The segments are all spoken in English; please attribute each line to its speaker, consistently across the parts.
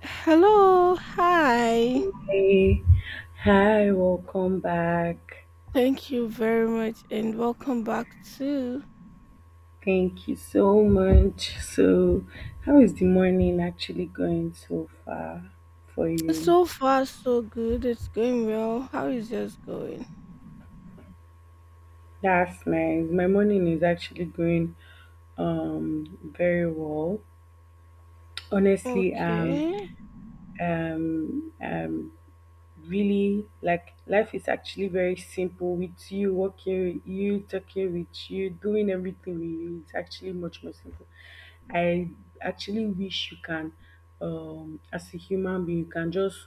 Speaker 1: Hello, hi.
Speaker 2: Hey, hi, welcome back.
Speaker 1: Thank you very much and welcome back to
Speaker 2: Thank you so much. So, how is the morning actually going so far for you?
Speaker 1: So far so good. It's going well. How is yours going?
Speaker 2: That's nice. My morning is actually going very well. Honestly,
Speaker 1: Okay.
Speaker 2: um uh, really, like, life is actually very simple with you, working with you, talking with you, doing everything with you. It's actually much more simple. I actually wish you can, as a human being, you can just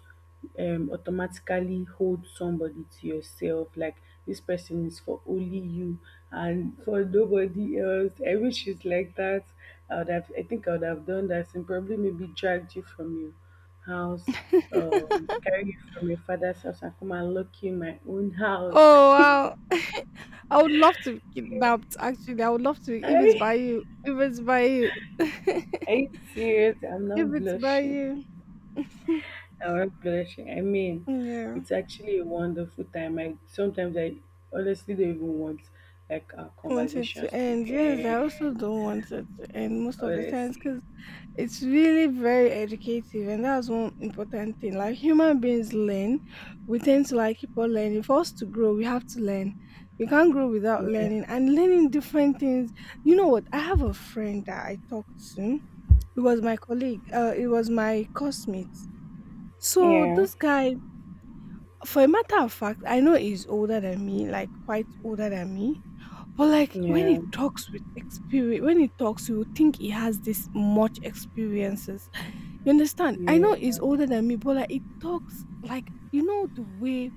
Speaker 2: automatically hold somebody to yourself, like this person is for only you and for nobody else. I wish it's like that. I think I would have done that and probably maybe dragged you from you house, carry you from your father's house and come and lock you in my own house.
Speaker 1: Oh wow. I would love to be kidnapped actually. I would love to if
Speaker 2: Are
Speaker 1: it's
Speaker 2: you
Speaker 1: by you. If it's by you.
Speaker 2: are
Speaker 1: if
Speaker 2: you serious? I'm not
Speaker 1: it's by
Speaker 2: blushing.
Speaker 1: you.
Speaker 2: I'm not blushing. I mean,
Speaker 1: Yeah.
Speaker 2: it's actually a wonderful time. I sometimes I honestly don't even want like our
Speaker 1: Want it to
Speaker 2: conversations to
Speaker 1: end. Yes, I also
Speaker 2: end.
Speaker 1: don't want it to end most of the times,
Speaker 2: Honestly,
Speaker 1: cause. It's really very educative, and that's one important thing. Like human beings learn, we tend to like keep on learning. For us to grow, we have to learn. We can't grow without
Speaker 2: yeah,
Speaker 1: learning and learning different things. You know what? I have a friend that I talked to. It was my colleague. It was my classmate. So
Speaker 2: yeah,
Speaker 1: this guy, for a matter of fact, I know he's older than me, like quite older than me. But like when
Speaker 2: yeah,
Speaker 1: he talks with spirit, when he talks, you would think he has this much experiences you understand? I
Speaker 2: yeah.
Speaker 1: know he's older than me, but like it talks like you know the way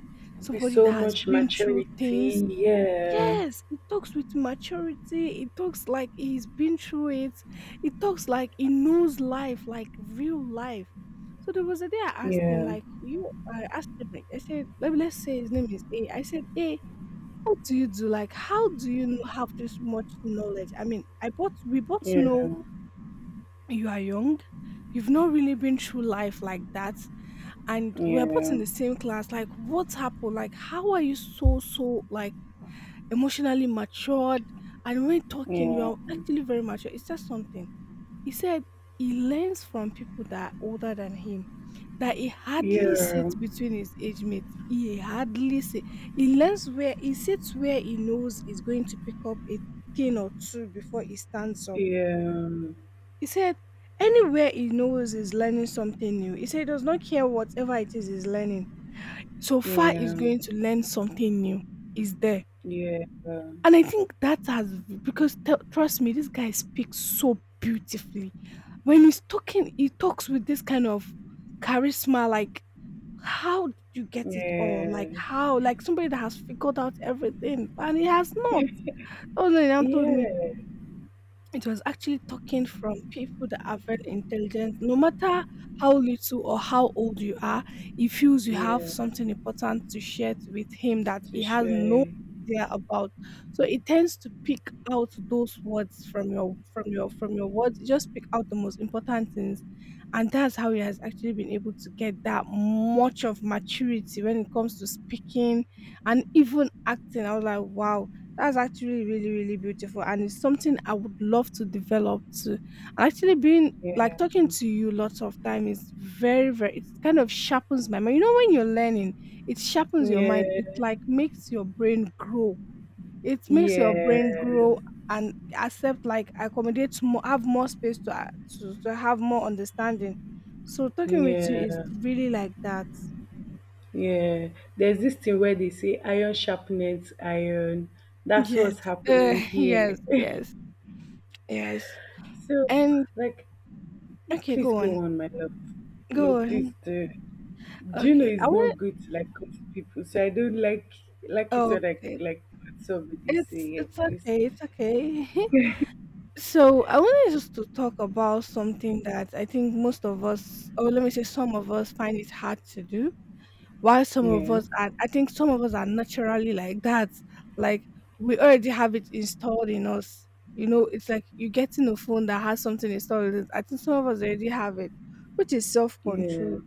Speaker 2: There's
Speaker 1: somebody that
Speaker 2: so
Speaker 1: has
Speaker 2: much
Speaker 1: been through
Speaker 2: maturity.
Speaker 1: things.
Speaker 2: Yeah,
Speaker 1: Yes, it talks with maturity. It talks like he's been through it. It talks like he knows life, like real life. So there was a day I asked you,
Speaker 2: yeah,
Speaker 1: I asked him, like, I said, let's say his name is A. I said, A, how do you do? Like, how do you know- have this much knowledge? I mean, I both we both
Speaker 2: yeah,
Speaker 1: know you are young, you've not really been through life like that, and we were both
Speaker 2: yeah,
Speaker 1: in the same class. Like, what happened? Like, how are you so like emotionally matured? And when talking, you
Speaker 2: yeah,
Speaker 1: are actually very mature. He said something. He said he learns from people that are older than him, that he hardly see
Speaker 2: yeah.
Speaker 1: between his age mates. He hardly see. He learns where he sits where he knows he's going to pick up a thing or two before he stands up.
Speaker 2: Yeah,
Speaker 1: He said anywhere he knows he's learning something new. He said he does not care whatever it is he's learning so far is
Speaker 2: yeah,
Speaker 1: going to learn something new, is there.
Speaker 2: yeah,
Speaker 1: And I think that has because trust me, this guy speaks so beautifully. When he's talking, he talks with this kind of charisma, like how did you get it all? Like
Speaker 2: yeah,
Speaker 1: how? Like somebody that has figured out everything and he has not. Oh no, he now told me
Speaker 2: yeah,
Speaker 1: it was actually talking from people that are very intelligent. No matter how little or how old you are, he feels you have
Speaker 2: yeah,
Speaker 1: something important to share with him that
Speaker 2: to
Speaker 1: he has no
Speaker 2: share,
Speaker 1: idea about. So it tends to pick out those words from your words. It just pick out the most important things, and that's how he has actually been able to get that much of maturity when it comes speaking, and even acting. I was like, wow, that's actually really, really beautiful. And it's something I would love to develop too. And actually being like
Speaker 2: yeah,
Speaker 1: talking to you lots of time is very, very it kind of sharpens my mind. You know, when you're learning, it sharpens your mind. It
Speaker 2: yeah,
Speaker 1: like makes your brain grow. It makes your brain
Speaker 2: yes,
Speaker 1: grow and accept like accommodate more have more space to to have more understanding so talking with you is
Speaker 2: yeah,
Speaker 1: really like that
Speaker 2: yeah. There's this thing where they say iron sharpens iron. That's
Speaker 1: yes,
Speaker 2: what's
Speaker 1: uh,
Speaker 2: happening here.
Speaker 1: yes yes.
Speaker 2: So,
Speaker 1: And
Speaker 2: like,
Speaker 1: okay,
Speaker 2: please
Speaker 1: go
Speaker 2: go
Speaker 1: on,
Speaker 2: on, my love. No,
Speaker 1: go
Speaker 2: please
Speaker 1: on.
Speaker 2: do. Do you know
Speaker 1: Okay,
Speaker 2: it's
Speaker 1: I want.
Speaker 2: not good to like cut people? So I don't like it
Speaker 1: Oh,
Speaker 2: when like what somebody say.
Speaker 1: it's
Speaker 2: Yeah,
Speaker 1: it's
Speaker 2: please.
Speaker 1: okay, it's okay. So I wanted just to talk about something that I think most of us, or let me say, some of us find it hard to do. While some of
Speaker 2: Yeah,
Speaker 1: us are, I think some of us are naturally like that. Like we already have it installed in us. You know, it's like you getting a phone that has something installed in it. I think some of us already have it, which is self
Speaker 2: yeah,
Speaker 1: control.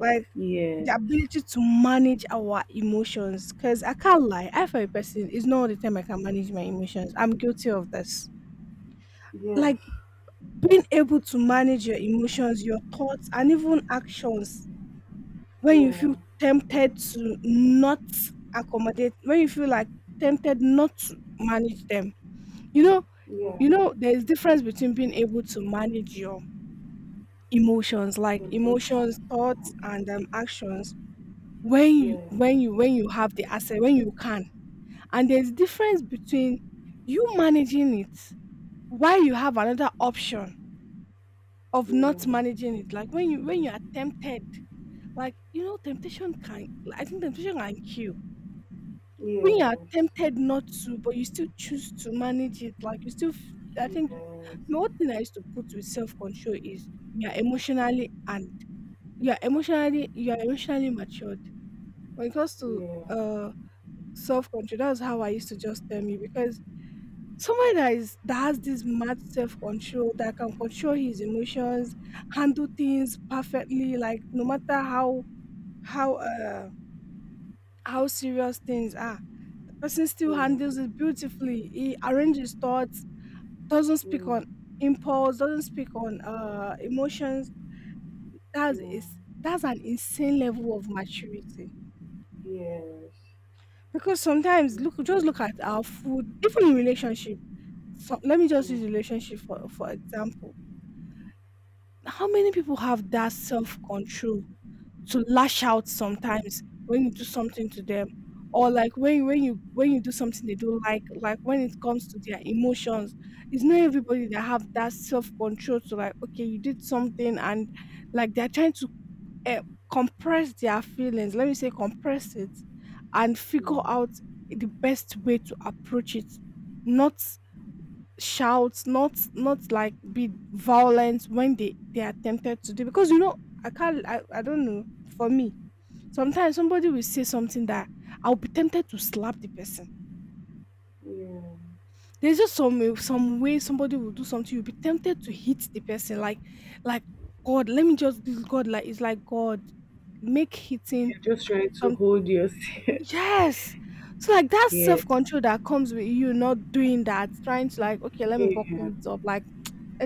Speaker 1: Like,
Speaker 2: yeah,
Speaker 1: the ability to manage our emotions, because I can't lie, I for a person, it's not all the time I can manage my emotions. I'm guilty of this.
Speaker 2: yes,
Speaker 1: Like, being able to manage your emotions, your thoughts, and even actions when you feel
Speaker 2: yeah,
Speaker 1: tempted to not accommodate when you feel, like, tempted not to manage them. You know
Speaker 2: yeah,
Speaker 1: you know, there's difference between being able to manage your emotions, like emotions,
Speaker 2: devotion.
Speaker 1: thoughts, and, actions when you
Speaker 2: Yeah,
Speaker 1: when you when you have the asset, when you can. And there's difference between you managing it while you have another option of
Speaker 2: yeah,
Speaker 1: not managing it. Like when you are tempted, like you know, temptation can I think temptation can kill. When you are
Speaker 2: yes,
Speaker 1: tempted not to, but you still choose to manage it, like you still I think the
Speaker 2: yes,
Speaker 1: one thing I used to put with self control is you are emotionally and you are emotionally matured. When it comes to
Speaker 2: yeah,
Speaker 1: uh self control, that's how I used to just tell me because someone that has this mad self-control, that can control his emotions, handle things perfectly, like no matter how how uh how serious things are, the person still
Speaker 2: yeah, yeah,
Speaker 1: handles it beautifully. He arranges thoughts, doesn't speak
Speaker 2: yeah,
Speaker 1: on impulse, doesn't speak on emotions. That's is that's an insane level of maturity.
Speaker 2: yes,
Speaker 1: Because sometimes
Speaker 2: yeah,
Speaker 1: look just look at our food, even in relationship. So, let me just
Speaker 2: yeah,
Speaker 1: use relationship for example. How many people have that self control to lash out sometimes when you do something to them, or like when when you do something they don't like when it comes to their emotions? It's not everybody that have that self control to like, okay, you did something, and like they're trying to uh, compress their feelings. Let me say compress it and figure
Speaker 2: yeah,
Speaker 1: out the best way to approach it, not shout, not like be violent when they are tempted to do. Because you know, I can't. I don't know. For me, sometimes somebody will say something that I'll be tempted to slap. The,
Speaker 2: yeah.
Speaker 1: there's just some way somebody will do something. You'll be tempted to hit the person. Like God, let me just do God. Like it's like God, make hitting
Speaker 2: You're just trying to
Speaker 1: some
Speaker 2: hold yourself.
Speaker 1: yes. So like that
Speaker 2: yeah,
Speaker 1: self control that comes with you not doing that, trying to like okay, let me buckle
Speaker 2: yeah,
Speaker 1: it up. Like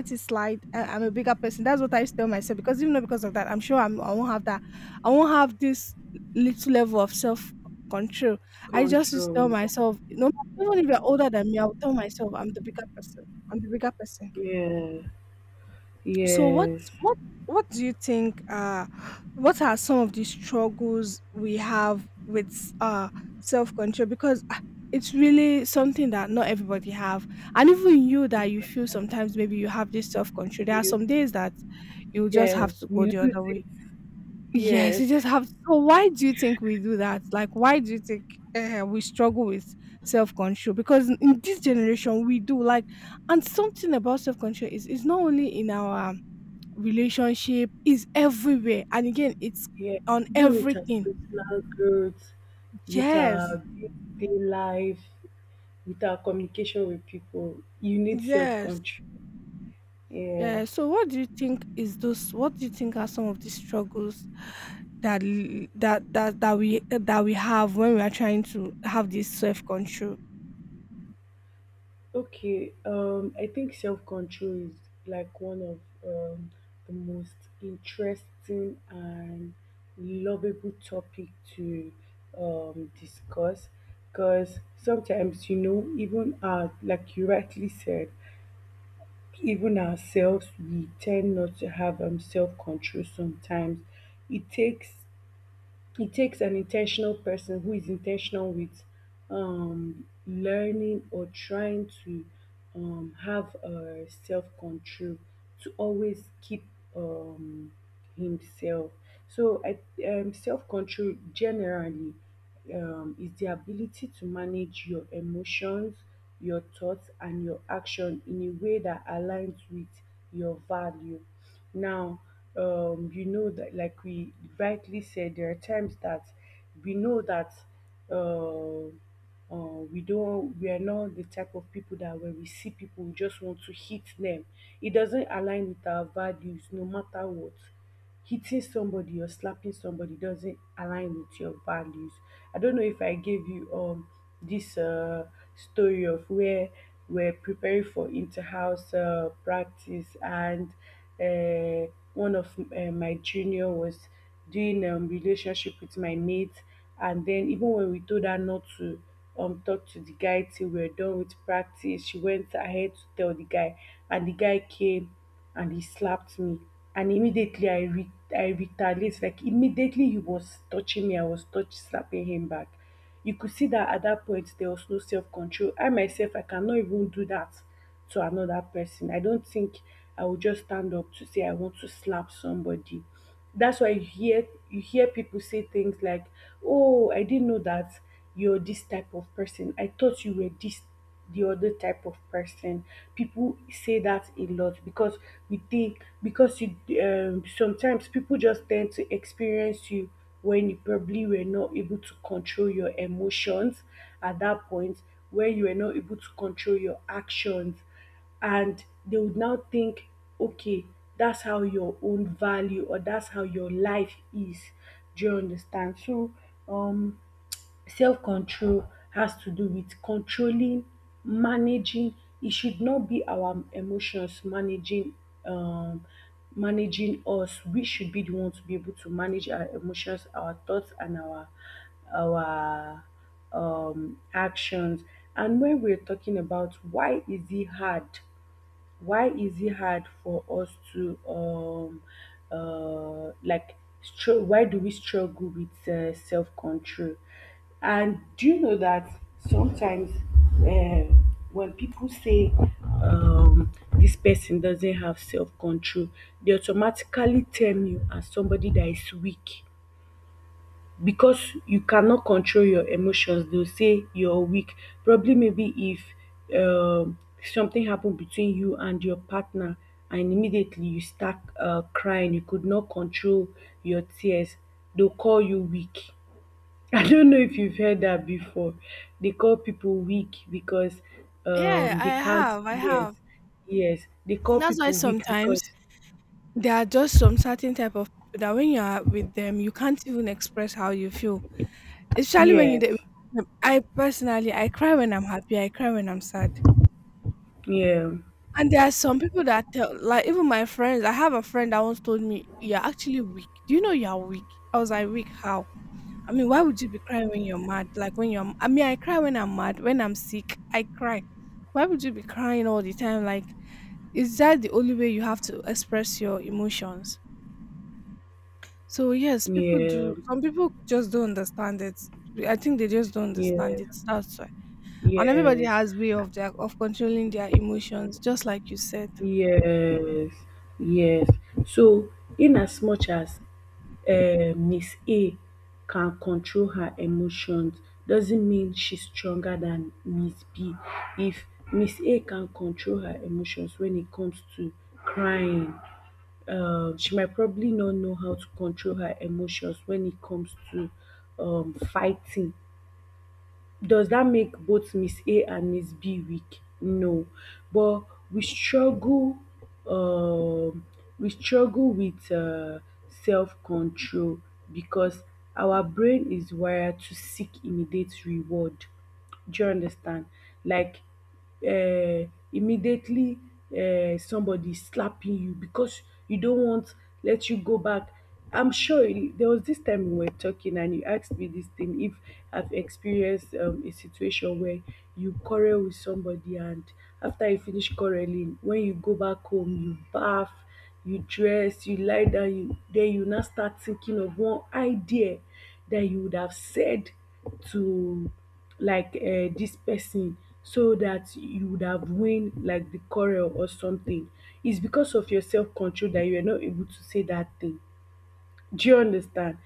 Speaker 1: this slide. I'm a bigger person. That's what I used to tell myself because even though because of that, I won't have that. I won't have this little level of self control. I just used to
Speaker 2: control.
Speaker 1: tell myself, even if you're older than me, I'll tell myself I'm the bigger person.
Speaker 2: Yeah,
Speaker 1: So
Speaker 2: yes,
Speaker 1: what what do you think what are some of the struggles we have with self control, because ah, it's really something that not everybody have, and even you that you feel sometimes maybe you have this self control, there are
Speaker 2: you,
Speaker 1: some days that you just
Speaker 2: yeah,
Speaker 1: have to go
Speaker 2: you
Speaker 1: there.
Speaker 2: lose it.
Speaker 1: Yes,
Speaker 2: Yes.
Speaker 1: you just have to. So why do you think we do that, like why do you think we struggle with self control, because in this generation we do like, and something about self control is not only in our relationship, is everywhere, and again it's
Speaker 2: Yeah,
Speaker 1: on
Speaker 2: even with our
Speaker 1: everything.
Speaker 2: personal growth, with
Speaker 1: Yes.
Speaker 2: our day life, with our communication with people, you need self
Speaker 1: Yes.
Speaker 2: control. Yeah.
Speaker 1: Yeah. So what do you think is those, what do you think are some of the struggles that that that we that we have when we are trying to have this self control?
Speaker 2: Okay. I think self control is like one of um, the most interesting and lovable topic to discuss because sometimes, you know, even like you rightly said, even ourselves we tend not to have self control sometimes. It takes it takes an intentional person who is intentional with learning or trying to have self control to always keep um, himself. So, self control generally is the ability to manage your emotions, your thoughts, and your action in a way that aligns with your value. Now, you know that, like we rightly said, there are times that we know that uh, we are not the type of people that when we see people, we just want to hit them. It doesn't align with our values, no matter what. Hitting somebody or slapping somebody doesn't align with your values. I don't know if I gave you this story of where we're preparing for inter-house practice, and uh, one of my junior was doing relationship with my mate, and then even when we told her not to talk to the guy till we were done with practice, she went ahead to tell the guy, and the guy came and he slapped me, and immediately I retaliated. Like, immediately he was touching me, I was touch slapping him back. You could see that at that point there was no self-control. I myself, I cannot even do that to another person. I don't think I would just stand up to say I want to slap somebody. That's why you hear, people say things like, oh, I didn't know that you're this type of person, I thought you were this the other type of person. People say that a lot because we think, because you sometimes people just tend to experience you when you probably were not able to control your emotions at that point, when you were not able to control your actions, and they would now think, okay, that's how your own value or that's how your life is. Do you understand? So, um self-control has to do with controlling, managing. It should not be our emotions managing, um us. We should be the one to be able to manage our emotions, our thoughts, and our actions. And when we're talking about why is it hard, why is it hard for us to why do we struggle with self-control? And do you know that sometimes, uh, when people say, this person doesn't have self control, they automatically tell you as somebody that is weak, because you cannot control your emotions, they'll say you're weak. Probably maybe if um something happened between you and your partner, and immediately you start crying, you could not control your tears, they'll call you weak. I don't know if you've heard that before. They call people weak because
Speaker 1: Yeah,
Speaker 2: they
Speaker 1: I
Speaker 2: can't.
Speaker 1: have. I
Speaker 2: Yes,
Speaker 1: have.
Speaker 2: yes, they call
Speaker 1: That's why
Speaker 2: people weak
Speaker 1: sometimes
Speaker 2: because,
Speaker 1: there are just some certain type of people that when you are with them, you can't even express how you feel. Especially when you.
Speaker 2: yes,
Speaker 1: I personally, I cry when I'm happy. I cry when I'm sad.
Speaker 2: yeah,
Speaker 1: And there are some people that tell, like even my friends. I have a friend that once told me, "You're actually weak. Do you know you're weak?" I was like, "Weak? How? I mean, why would you be crying when you're mad? Like when you're, I mean, I cry when I'm mad. When I'm sick, I cry. Why would you be crying all the time? Like, is that the only way you have to express your emotions?" So yes, people,
Speaker 2: yeah,
Speaker 1: some people just don't understand it. I think they just don't understand
Speaker 2: yeah,
Speaker 1: that. And everybody
Speaker 2: yes.
Speaker 1: has way of their of controlling their emotions, just like you said.
Speaker 2: Yes, yes. So, in as much as Miss A can control her emotions, doesn't mean she's stronger than Miss B. If Miss A can control her emotions when it comes to crying, she might probably not know how to control her emotions when it comes to fighting. Does that make both Miss A and Miss B weak? No, but we struggle. Um, we struggle with self control because our brain is wired to seek immediate reward. Do you understand? Like, uh, immediately, somebody slapping you because you don't want let you go back. I'm sure there was this time we were talking and you asked me this thing if I've experienced a situation where you quarrel with somebody, and after you finish quarreling when you go back home, you bath, you dress, you lie down, you now start thinking of one idea that you would have said to, like, dis person, so that you would have win like the quarrel or something. It's because of your self control that you are not able to say that thing. Do you understand?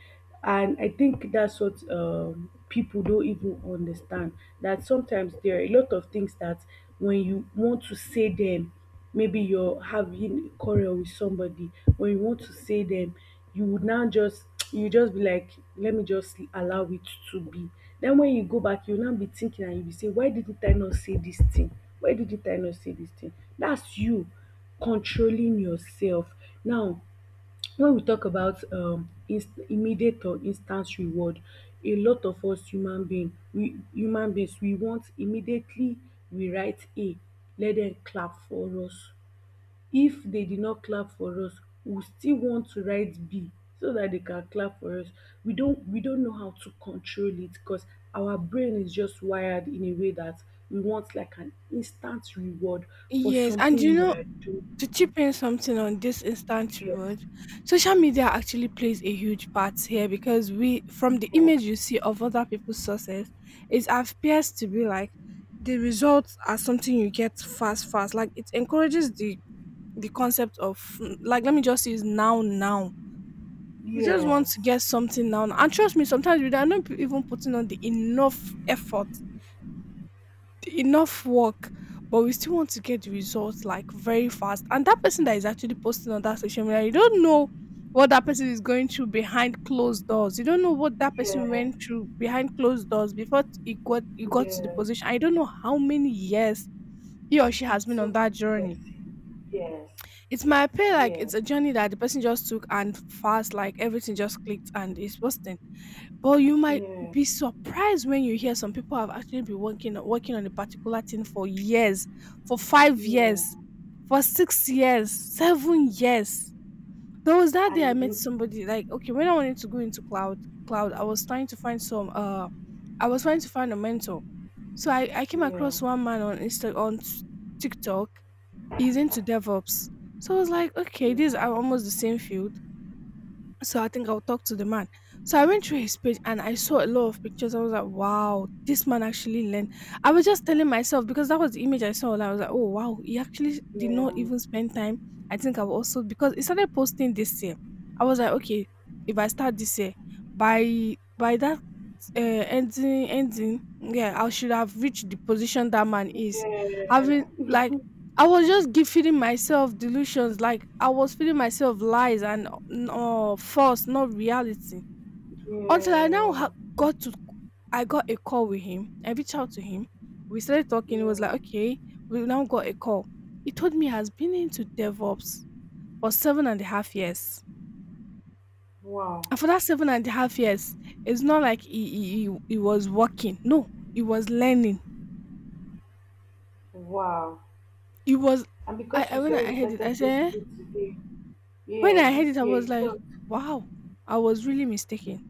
Speaker 2: And I think that's what, people don't even understand. That sometimes there are a lot of things that when you want to say them, maybe you're having a quarrel with somebody, when you want to say them, you would now just you just be like, let me just allow it to be. Then when you go back, you'll now be thinking and you'll be saying, why didn't I not say this thing? Why didn't I not say this thing? That's you controlling yourself. Now, when we talk about inst immediate or instant reward, a lot of us human beings, we want immediately. We write "A", let dem clap for us. If dey did not clap for us, we still want to write "B" so dat dey can clap for us. We don know how to control it cos our brain is just wired in a way dat we want like an instant reward for
Speaker 1: Yes, and you
Speaker 2: something we
Speaker 1: know,
Speaker 2: are doing.
Speaker 1: to chip in something on this instant
Speaker 2: Yes,
Speaker 1: reward, social media actually plays a huge part here because we, from the image you see of other people's success, it appears to be like the results are something you get fast, fast. Like it encourages the concept of like let me just use now, now. You just
Speaker 2: yes,
Speaker 1: want
Speaker 2: yes,
Speaker 1: to get something now, now. And trust me, sometimes we are not even putting on the enough effort enough work, but we still want to get the results like very fast. And that person that is actually posting on that social media, you don't know what that person is going through behind closed doors. You don't know what that person
Speaker 2: yes.
Speaker 1: went through behind closed doors before he got to the
Speaker 2: Yeah,
Speaker 1: position. I don't know how many years he or she
Speaker 2: it
Speaker 1: has been on
Speaker 2: took
Speaker 1: that journey.
Speaker 2: person. Yes,
Speaker 1: It might appear like
Speaker 2: yeah,
Speaker 1: it's a journey that the person just took and fast, like everything just clicked and is posting. But you might
Speaker 2: yeah,
Speaker 1: be surprised when you hear some people have actually been working on a particular thing for years, for 5
Speaker 2: yeah.
Speaker 1: years, for 6 years, 7 years. There was that day
Speaker 2: And
Speaker 1: I
Speaker 2: it
Speaker 1: met
Speaker 2: look,
Speaker 1: somebody, like, okay, when I wanted to go into cloud, I was trying to find a mentor. So I came
Speaker 2: yeah,
Speaker 1: across one man on Insta on TikTok. He's into DevOps. So I was like, okay,
Speaker 2: yeah,
Speaker 1: this are almost the same field. So I think I'll talk to the man. So I went through his page and I saw a lot of pictures. I was like, wow, this man actually learned. I was just telling myself, because that was the image I saw. Like, I was like, oh, wow, he actually did
Speaker 2: yeah,
Speaker 1: not even spend time. I think I've also, because he started posting this year, I was like, okay, if I start this year, by that ending, yeah, I should have reached the position that man is having,
Speaker 2: yeah,
Speaker 1: like, I was just feeding myself delusions, like I was feeding myself lies and false, not reality. Until I now
Speaker 2: yeah,
Speaker 1: ha- got to I got a call with him. I reached out to him. We started talking. He was
Speaker 2: yeah.
Speaker 1: like, okay, we now got a call. He told me he has been into DevOps for seven and a half years,
Speaker 2: Wow,
Speaker 1: and for that seven and a half years, it's not like he was working. No, he was learning.
Speaker 2: wow.
Speaker 1: It was
Speaker 2: And
Speaker 1: I,
Speaker 2: because
Speaker 1: I
Speaker 2: she
Speaker 1: when
Speaker 2: saw
Speaker 1: I
Speaker 2: him
Speaker 1: heard it, I
Speaker 2: started
Speaker 1: said, "Eh?"
Speaker 2: posting today,
Speaker 1: When
Speaker 2: yeah,
Speaker 1: I heard it,
Speaker 2: this
Speaker 1: I was
Speaker 2: year he
Speaker 1: like,
Speaker 2: thought,
Speaker 1: wow, I was really mistaken.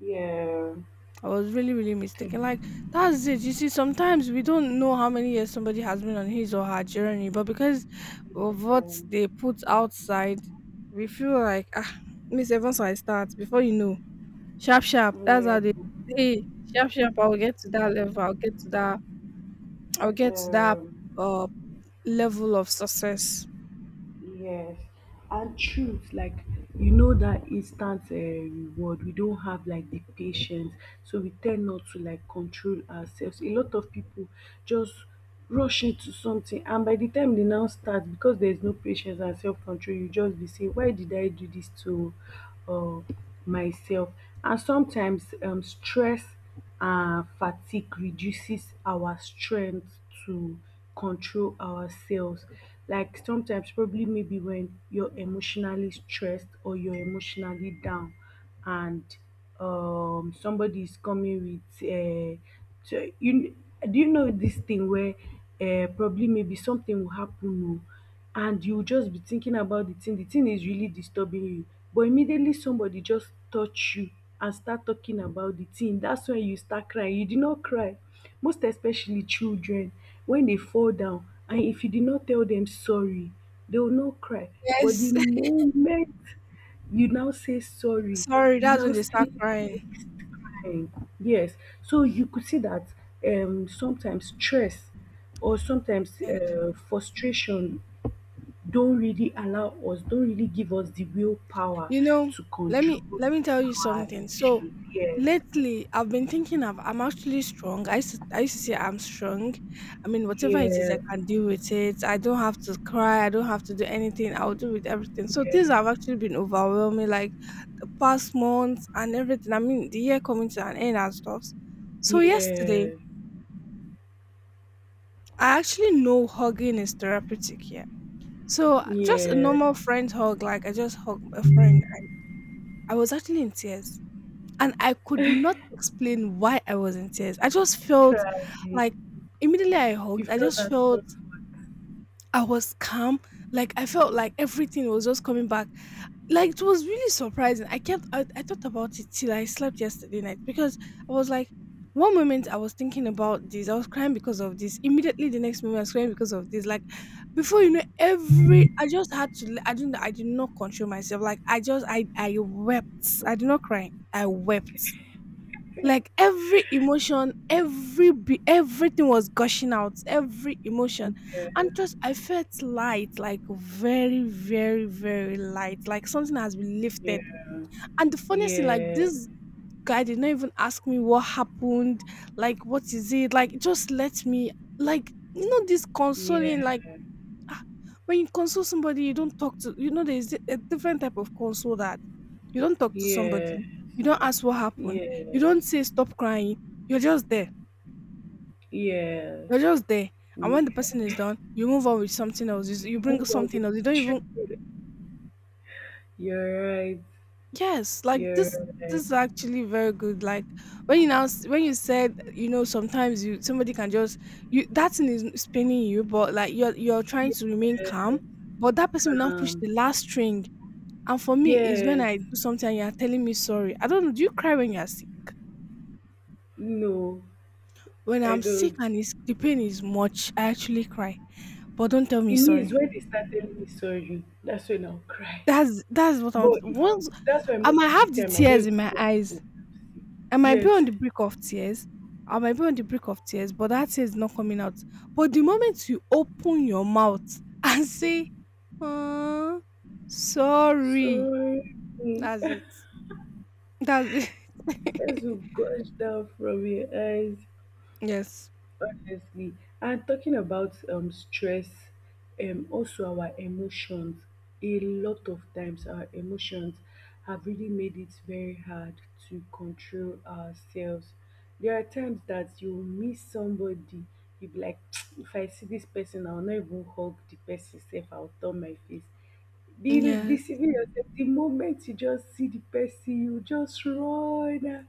Speaker 2: yeah,
Speaker 1: I was really, really mistaken. Like, that's it. You see, sometimes we don't know how many years somebody has been on his or her journey, but because of what they put outside, we feel like, ah, Miss Evans, I start before you know, sharp, sharp.
Speaker 2: yeah,
Speaker 1: That's
Speaker 2: yeah.
Speaker 1: how they say sharp, sharp. I'll get to that level. I'll get to that. I'll get to that
Speaker 2: Um,
Speaker 1: uh level of success.
Speaker 2: yes, and truth, like, you know that instant reward, we don't have like the patience, so we tend not to like control ourselves. A lot of people just rush into something, and by the time they now start, because there's no patience and self control, you just be saying, why did I do this to, uh, myself? And sometimes, stress, fatigue reduces our strength to control ourselves. Like, sometimes probably maybe when you're emotionally stressed or you're emotionally down, and somebody is coming with, so you do you know this thing where, probably maybe something will happen oo, and you will just be thinking about the thing is really disturbing you, but immediately somebody just touch you and start talking about the thing, that's when you start crying. You did not cry, most especially children, when they fall down and if you did not tell them sorry, they will not cry. But the
Speaker 1: Yes.
Speaker 2: moment you now say sorry,
Speaker 1: Sorry,
Speaker 2: you
Speaker 1: that's when
Speaker 2: now
Speaker 1: they
Speaker 2: see
Speaker 1: start crying.
Speaker 2: the next crying. Yes. So you could see that, sometimes stress, or sometimes frustration, don't really allow us, don't really give us the willpower
Speaker 1: You know,
Speaker 2: to
Speaker 1: let me
Speaker 2: control
Speaker 1: let me tell you
Speaker 2: our
Speaker 1: something. So
Speaker 2: emotions. Yes,
Speaker 1: lately I've been thinking of I'm actually strong. I used to say I'm strong. I mean, whatever it is,
Speaker 2: yeah,
Speaker 1: I can deal with it. I don't have to cry, I don't have to do anything. I'll do with everything. So things
Speaker 2: yeah,
Speaker 1: have actually been overwhelming, like, the past months and everything. I mean, the year coming to an end and stuff. So yesterday,
Speaker 2: yeah,
Speaker 1: I actually know hugging is therapeutic here. So just a
Speaker 2: yeah.
Speaker 1: normal friend hug, like I just hugged a friend. I was actually in tears, and I could not explain why I was in tears. I just felt,
Speaker 2: Cry.
Speaker 1: like, immediately I
Speaker 2: You
Speaker 1: hugged, I
Speaker 2: feel
Speaker 1: just
Speaker 2: that
Speaker 1: felt
Speaker 2: comfort.
Speaker 1: I was calm. Like, I felt like everything was just coming back. Like, it was really surprising. I thought about it till I slept yesterday night, because I was like, one moment I was thinking about this, I was crying because of this. Immediately the next moment I was crying because of this. Like, before you know, every I just had to I did not control myself. Like, I wept. I did not cry. I wept, like, every emotion, everything was gushing out, every emotion,
Speaker 2: Yeah,
Speaker 1: and just I felt light, like very, very, very light, like something has been
Speaker 2: yeah,
Speaker 1: lifted. And the funniest thing, like,
Speaker 2: yeah,
Speaker 1: this guy did not even ask me what happened, like what is it, like it just let me, like, this consoling,
Speaker 2: yeah,
Speaker 1: like, ah, when you console somebody, you don't talk to, there's a different type of console that you don't talk to somebody,
Speaker 2: yeah,
Speaker 1: you don't ask what happened. You
Speaker 2: yes,
Speaker 1: don't say stop crying. You're just there. You're
Speaker 2: yes.
Speaker 1: just there. And when the
Speaker 2: Yeah.
Speaker 1: person is done, you move on with something else. You
Speaker 2: You
Speaker 1: bring
Speaker 2: move on with
Speaker 1: something else. You don't
Speaker 2: the
Speaker 1: even.
Speaker 2: truth. You're right.
Speaker 1: Yes. Like,
Speaker 2: You're
Speaker 1: this
Speaker 2: right.
Speaker 1: is actually very good. Like, when you said, sometimes you somebody can just you that thing is spinning you, but like you're trying
Speaker 2: Yes,
Speaker 1: to remain calm, but that person will now push
Speaker 2: calm.
Speaker 1: the last string. And for me, is when
Speaker 2: Yes,
Speaker 1: I do something and you are telling me sorry. I don't know. Do you cry when you are.
Speaker 2: no,
Speaker 1: When
Speaker 2: I
Speaker 1: I'm sick,
Speaker 2: don't.
Speaker 1: and it's, the pain is much, I actually cry. But don't tell me
Speaker 2: E means
Speaker 1: sorry.
Speaker 2: wen dey start telling me sorry dats wen I'll cry,
Speaker 1: That's what I
Speaker 2: but
Speaker 1: want.
Speaker 2: if
Speaker 1: Once,
Speaker 2: dats why
Speaker 1: I
Speaker 2: most
Speaker 1: might
Speaker 2: of de
Speaker 1: have the
Speaker 2: time I
Speaker 1: tears
Speaker 2: don't
Speaker 1: in
Speaker 2: even
Speaker 1: my
Speaker 2: tell pipu.
Speaker 1: eyes. I might be on
Speaker 2: Yes,
Speaker 1: the brink of tears. I might be on the brink of tears, but that tear is not coming out. But the moment you open your mouth and say, "Oh, sorry,"
Speaker 2: sorry.
Speaker 1: that's it. That's it.
Speaker 2: as you gush down from your eyes.
Speaker 1: Yes.
Speaker 2: Obviously. And talking about, stress, also our emotions, a lot of times our emotions have really made it very hard to control ourselves. There are times that you miss somebody, you be like, if I see this person, I'll not even hug the person safe, I'll turn my face. Be
Speaker 1: Yeah.
Speaker 2: deceiving yourself. The moment you just see the person, you just run, ah,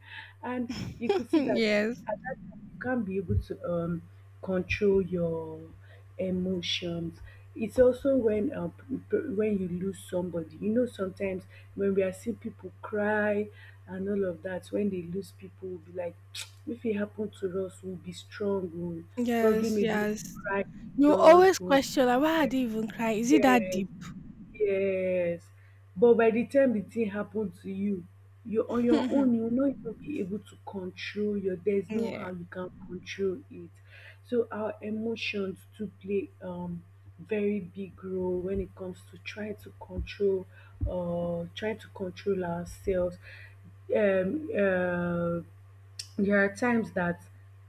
Speaker 2: and you could see that
Speaker 1: Yes.
Speaker 2: at that time you can't be able to control your emotions. It's also when when you lose somebody. You know, sometimes when we are seeing people cry and all of that, when they lose people, we'll be like, if it happened to us, we'll be strong. We'll probably
Speaker 1: Yes,
Speaker 2: maybe
Speaker 1: yes.
Speaker 2: we'll cry.
Speaker 1: You
Speaker 2: Those
Speaker 1: always
Speaker 2: who,
Speaker 1: question, like, why I did even cry. Is it that
Speaker 2: yes.
Speaker 1: deep?
Speaker 2: Yes, but by the time the thing happen to you, you're on your own, you will not even be able to control your there's no how
Speaker 1: Yeah.
Speaker 2: you can control it. So our emotions do play very big role when it comes to trying to control ourselves. Um uh There are times that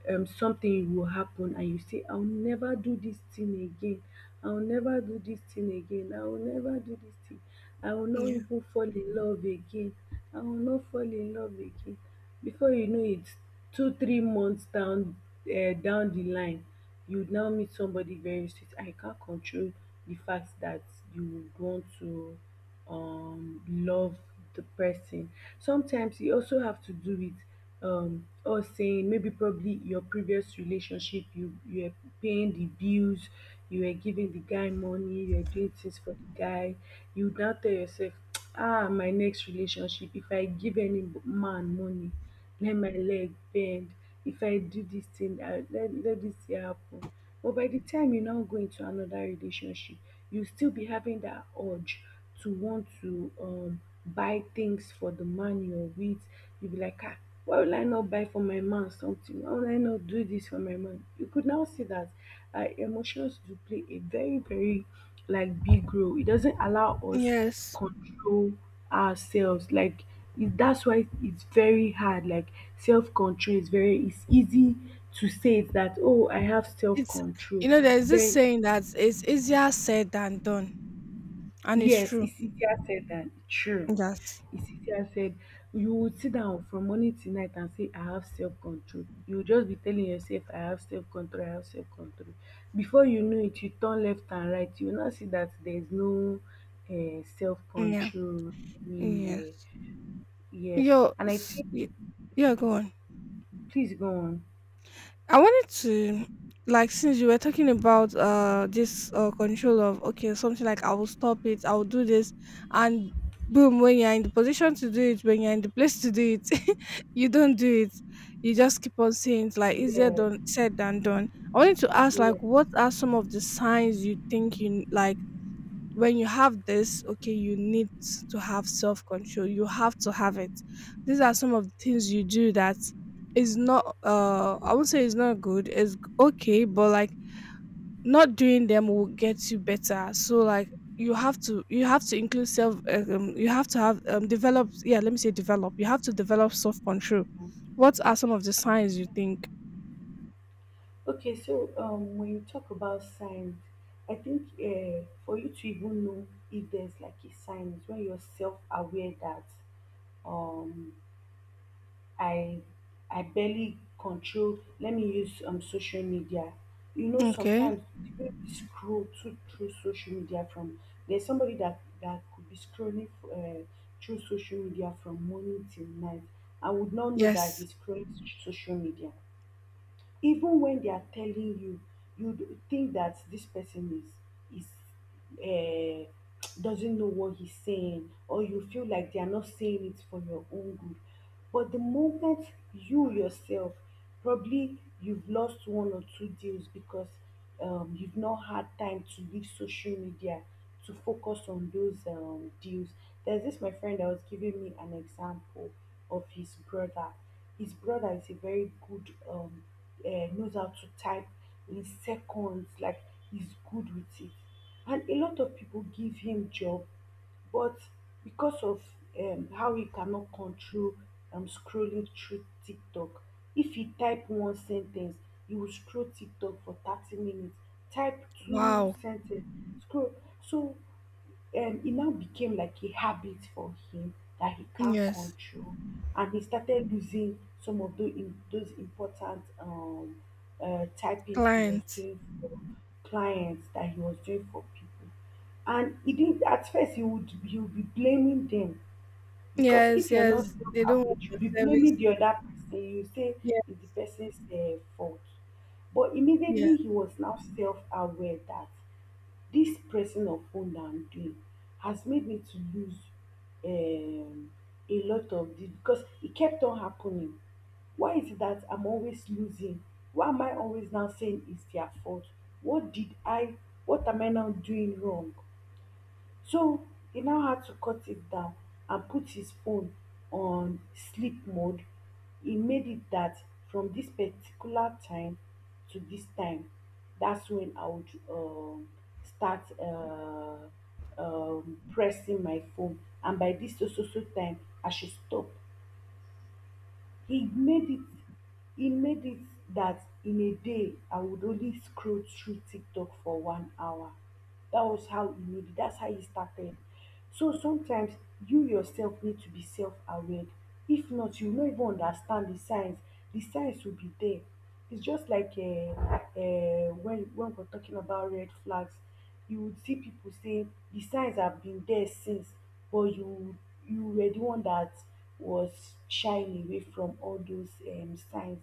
Speaker 2: something will happen and you say, I'll never do this thing again. I'll never do this thing again. I will never do this thing. I will not even fall in love again. I will not fall in love again. Before you know it, two, 3 months down down the line, you now meet somebody very sweet. I can't control the fact that you would want to love the person, sometimes you also have to do with or saying maybe probably your previous relationship you were paying the bills, you were giving the guy money, you were doing things for the guy. You now tell yourself, ah, my next relationship, if I give any man money, let my leg bend. If I do this thing, let this thing happen. But by the time you now go into another relationship, you still be having that urge to want to buy things for the man you're with. You'll be like, ah, why will I not buy for my man something? Why will I not do this for my man? You could now see that emotions do play a very, very like big role. It doesn't allow us
Speaker 1: Yes.
Speaker 2: control ourselves. Like it, that's why it's very hard. Like self control is very. It's easy to say it that, oh, I have self control,
Speaker 1: You know, there's this
Speaker 2: but
Speaker 1: saying that it's easier said than done, and it's.
Speaker 2: yes, Isidia said that. True.
Speaker 1: Yes.
Speaker 2: Isidia said, you would sit down from morning till night and say, I have self control. You will just be telling yourself, I have self control, I have self control. Before you know it, you turn left and right. You will now see that there's no self
Speaker 1: Yeah.
Speaker 2: control anywhere.
Speaker 1: Yes.
Speaker 2: Yes.
Speaker 1: Yo,
Speaker 2: And I
Speaker 1: s-
Speaker 2: think,
Speaker 1: y- yeah, go on.
Speaker 2: please go on.
Speaker 1: I wanted to, like, since you were talking about this control of, okay, something like, I will stop it, I will do this, and boom, when you're in the position to do it, when you're in the place to do it, you don't do it. You just keep on saying it's like easier
Speaker 2: Yes,
Speaker 1: done said than done. I wanted to ask,
Speaker 2: yes.
Speaker 1: like, what are some of the signs you think you, like, when you have this, okay, you need to have self control. You have to have it. These are some of the things you do that is not, I won't say it's not good, it's okay, but like not doing them will get you better. So like you have to include self, you have to have develop, yeah, let me say develop, you have to develop self control. What are some of the signs you think?
Speaker 2: Okay, so when you talk about signs, I think for you to even know if there's like a sign is when you're self-aware that um, I I barely control. Let me use social media. You know,
Speaker 1: Okay.
Speaker 2: sometimes the way we scroll to, through social media from, there's somebody that that could be scrolling through social media from morning till night. I would not know that
Speaker 1: Yes.
Speaker 2: he's scrolling through social media, even when they are telling you, you think that this person is uh, doesn't know what he's saying, or you feel like they are not saying it for your own good. But the moment you yourself, probably you've lost one or two deals because you've not had time to leave social media to focus on those deals. There's this my friend that was giving me an example of his brother. His brother is a very good knows how to type in seconds, like he's good with it. And a lot of people give him job, but because of how he cannot control scrolling through TikTok, if he type one sentence, he will scroll TikTok for 30 minutes, type two
Speaker 1: Wow.
Speaker 2: sentence, scroll. So it now became like a habit for him that he can't
Speaker 1: Yes.
Speaker 2: control, and he started losing some of those important typings he was
Speaker 1: Clients.
Speaker 2: doing for clients that he was doing for people. And he didn't at first, he would be blaming them, because
Speaker 1: Yes,
Speaker 2: if you're not
Speaker 1: yes, they don't
Speaker 2: self-aware
Speaker 1: want
Speaker 2: you'll
Speaker 1: your
Speaker 2: be blaming
Speaker 1: service.
Speaker 2: the other person. You say
Speaker 1: Yeah,
Speaker 2: it's the person's fault. But
Speaker 1: yeah,
Speaker 2: immediately he was now self-aware that dis pressing of phone and doing has made me to lose um a lot of the, because it kept on happening. Why is it that I'm always losing? Why am I always now saying it's their fault? What did I, what am I now doing wrong? So e now had to cut it down and put his phone on sleep mode. E made it that from this particular time to this time, that's when I would start pressing my phone, and by this so so so time I should stop. He made it he made it that in a day I would only scroll through TikTok for 1 hour. That was how he made it. That's how he started. So sometimes you yourself need to be self aware. If not, you no even understand the signs. The signs will be there. It's just like when we're talking about red flags. You would see people say the signs have been there since, but you were the one that was shying away from all those signs.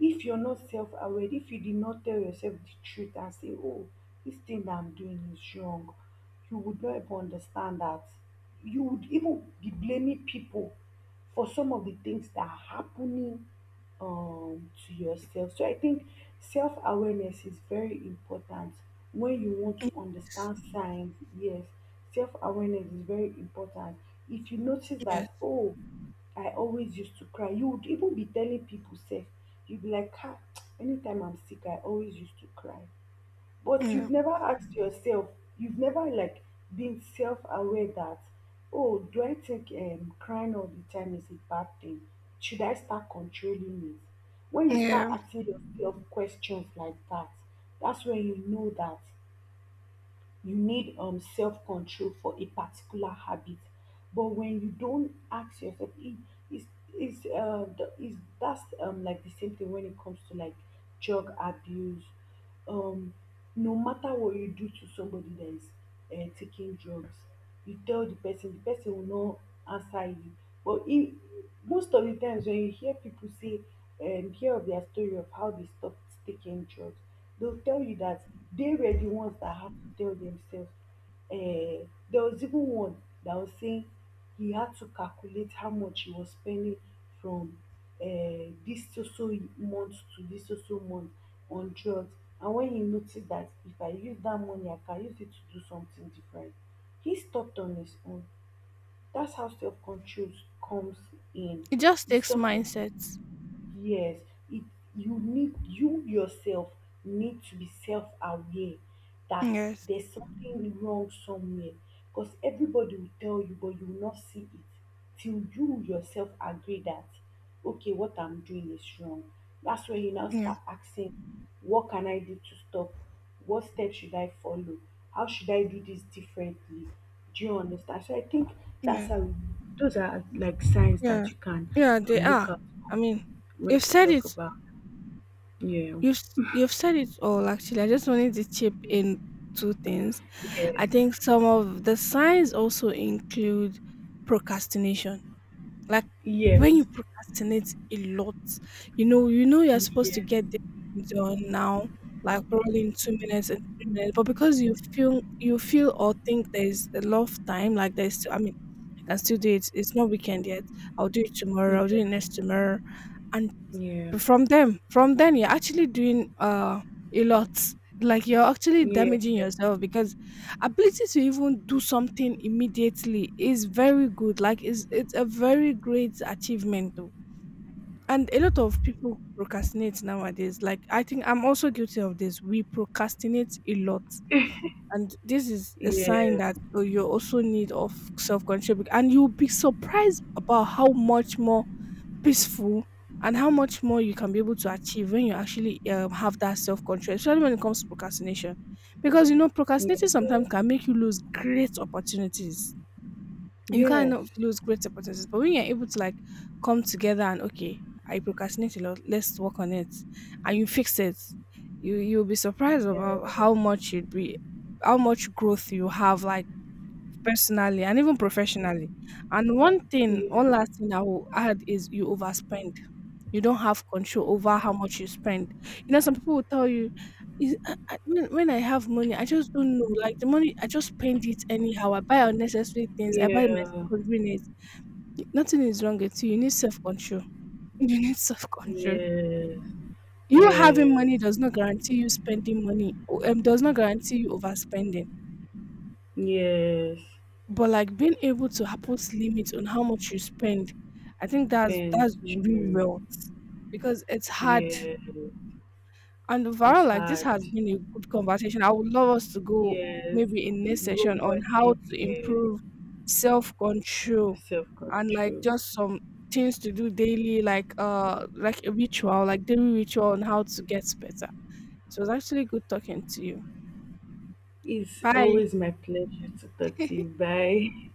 Speaker 2: If you're not self-aware, if you did not tell yourself the truth and say, oh, this thing that I'm doing is wrong, you would not even understand that. You would even be blaming people for some of the things that are happening to yourself. So I think self-awareness is very important when you want to understand signs. Yes, self-awareness is very important. If you notice that, oh, I always used to cry. You would even be telling people, sef, you would be like, ah, anytime I'm sick, I always used to cry. But you've never asked yourself, you've never like been self-aware that, oh, do I think crying all the time is a bad thing? Should I start controlling it? When you start
Speaker 1: yeah.
Speaker 2: asking yourself questions like that, that's when you know that you need self control for a particular habit. But when you don't ask yourself if is is the, is, that's like the same thing when it comes to like drug abuse. um no matter what you do to somebody that is taking drugs, you tell the person, the person will not answer you. But if, most of the times when you hear people say, hear of their story of how they stopped taking drugs, they'll tell you that they were the ones that had to tell themselves. There was even one that was saying he had to calculate how much he was spending from this so so month to this so so month on drugs. And when he noticed that if I use that money, I can use it to do something different, he stopped on his own. That's how self control comes in.
Speaker 1: It just
Speaker 2: It's
Speaker 1: takes
Speaker 2: something,
Speaker 1: mindset.
Speaker 2: yes, it, you need, you yourself need to be self-aware that
Speaker 1: Yes.
Speaker 2: there's something wrong somewhere, because everybody will tell you but you will not see it till you yourself agree that, okay, what I'm doing is wrong. That's when you now
Speaker 1: Yeah.
Speaker 2: start asking, what can I do to stop? What steps should I follow? How should I do this differently? Do you understand? So I think that's
Speaker 1: Yeah.
Speaker 2: how, those are like signs
Speaker 1: Yeah.
Speaker 2: that you can
Speaker 1: Yeah, they
Speaker 2: look
Speaker 1: are.
Speaker 2: up
Speaker 1: I mean,
Speaker 2: we
Speaker 1: you've
Speaker 2: you
Speaker 1: said
Speaker 2: talk
Speaker 1: it.
Speaker 2: about. Yeah,
Speaker 1: You've said it all. Actually, I just wanted to chip in two things.
Speaker 2: yeah,
Speaker 1: I think some of the signs also include procrastination. Like, when you
Speaker 2: yes,
Speaker 1: procrastinate a lot, you know you're supposed to
Speaker 2: yes,
Speaker 1: get done now, like probably in 2 minutes and 3 minutes. But because you feel or think there's a lot of time, like there's still, I mean, I can still do it. It's not weekend yet. I'll do it tomorrow. I'll do
Speaker 2: yeah,
Speaker 1: it next tomorrow, and
Speaker 2: yeah, yeah,
Speaker 1: from them, from then you're actually doing a lot. Like, you're actually
Speaker 2: yeah,
Speaker 1: damaging yourself, because ability to even do something immediately is very good. Like, it's a very great achievement. And a lot of people procrastinate nowadays. Like, I think I'm also guilty of this. We procrastinate a lot, and this is a sign
Speaker 2: yeah,
Speaker 1: that, oh, you also need of self control. And you'll be surprised about how much more peaceful and how much more you can be able to achieve when you actually, have that self control, especially when it comes to procrastination, because you know procrastinating
Speaker 2: yes,
Speaker 1: sometimes can make you lose great opportunities. You
Speaker 2: yeah,
Speaker 1: cannot lose great opportunities. But when you're able to, like, come together and, okay, I procrastinate a lot, let's work on it, and you fix it, you'll be surprised about how much you'd be, how much growth you have, like, personally and even professionally. And one thing, one last thing I will add, is you overspend. You don't have control over how much you spend. You know, some people will tell you, "When I have money, I just don't know. Like, the money, I just spend it anyhow. I buy unnecessary things. I buy my myself
Speaker 2: yeah,
Speaker 1: convenience. Nothing is wrong with you. You need self control. You need self control.
Speaker 2: yes,
Speaker 1: You having
Speaker 2: yes,
Speaker 1: money does not guarantee you spending money. Does not guarantee you overspending.
Speaker 2: yes.
Speaker 1: But like being able to put limits on how much you spend, I think that's
Speaker 2: Ben's
Speaker 1: real
Speaker 2: true.
Speaker 1: wealth, because it's hard.
Speaker 2: Yeah,
Speaker 1: And overall,
Speaker 2: it's
Speaker 1: like, this
Speaker 2: hard.
Speaker 1: has been a good conversation. I would love us to go
Speaker 2: Yes,
Speaker 1: maybe in this
Speaker 2: go
Speaker 1: session on
Speaker 2: more
Speaker 1: how
Speaker 2: deep
Speaker 1: to
Speaker 2: here.
Speaker 1: improve self control
Speaker 2: Self
Speaker 1: and, like,
Speaker 2: control.
Speaker 1: just some things to do daily, like a ritual, like daily ritual on how to get better. So it was actually good talking to you.
Speaker 2: It's
Speaker 1: Bye.
Speaker 2: always my pleasure to talk to you. Bye.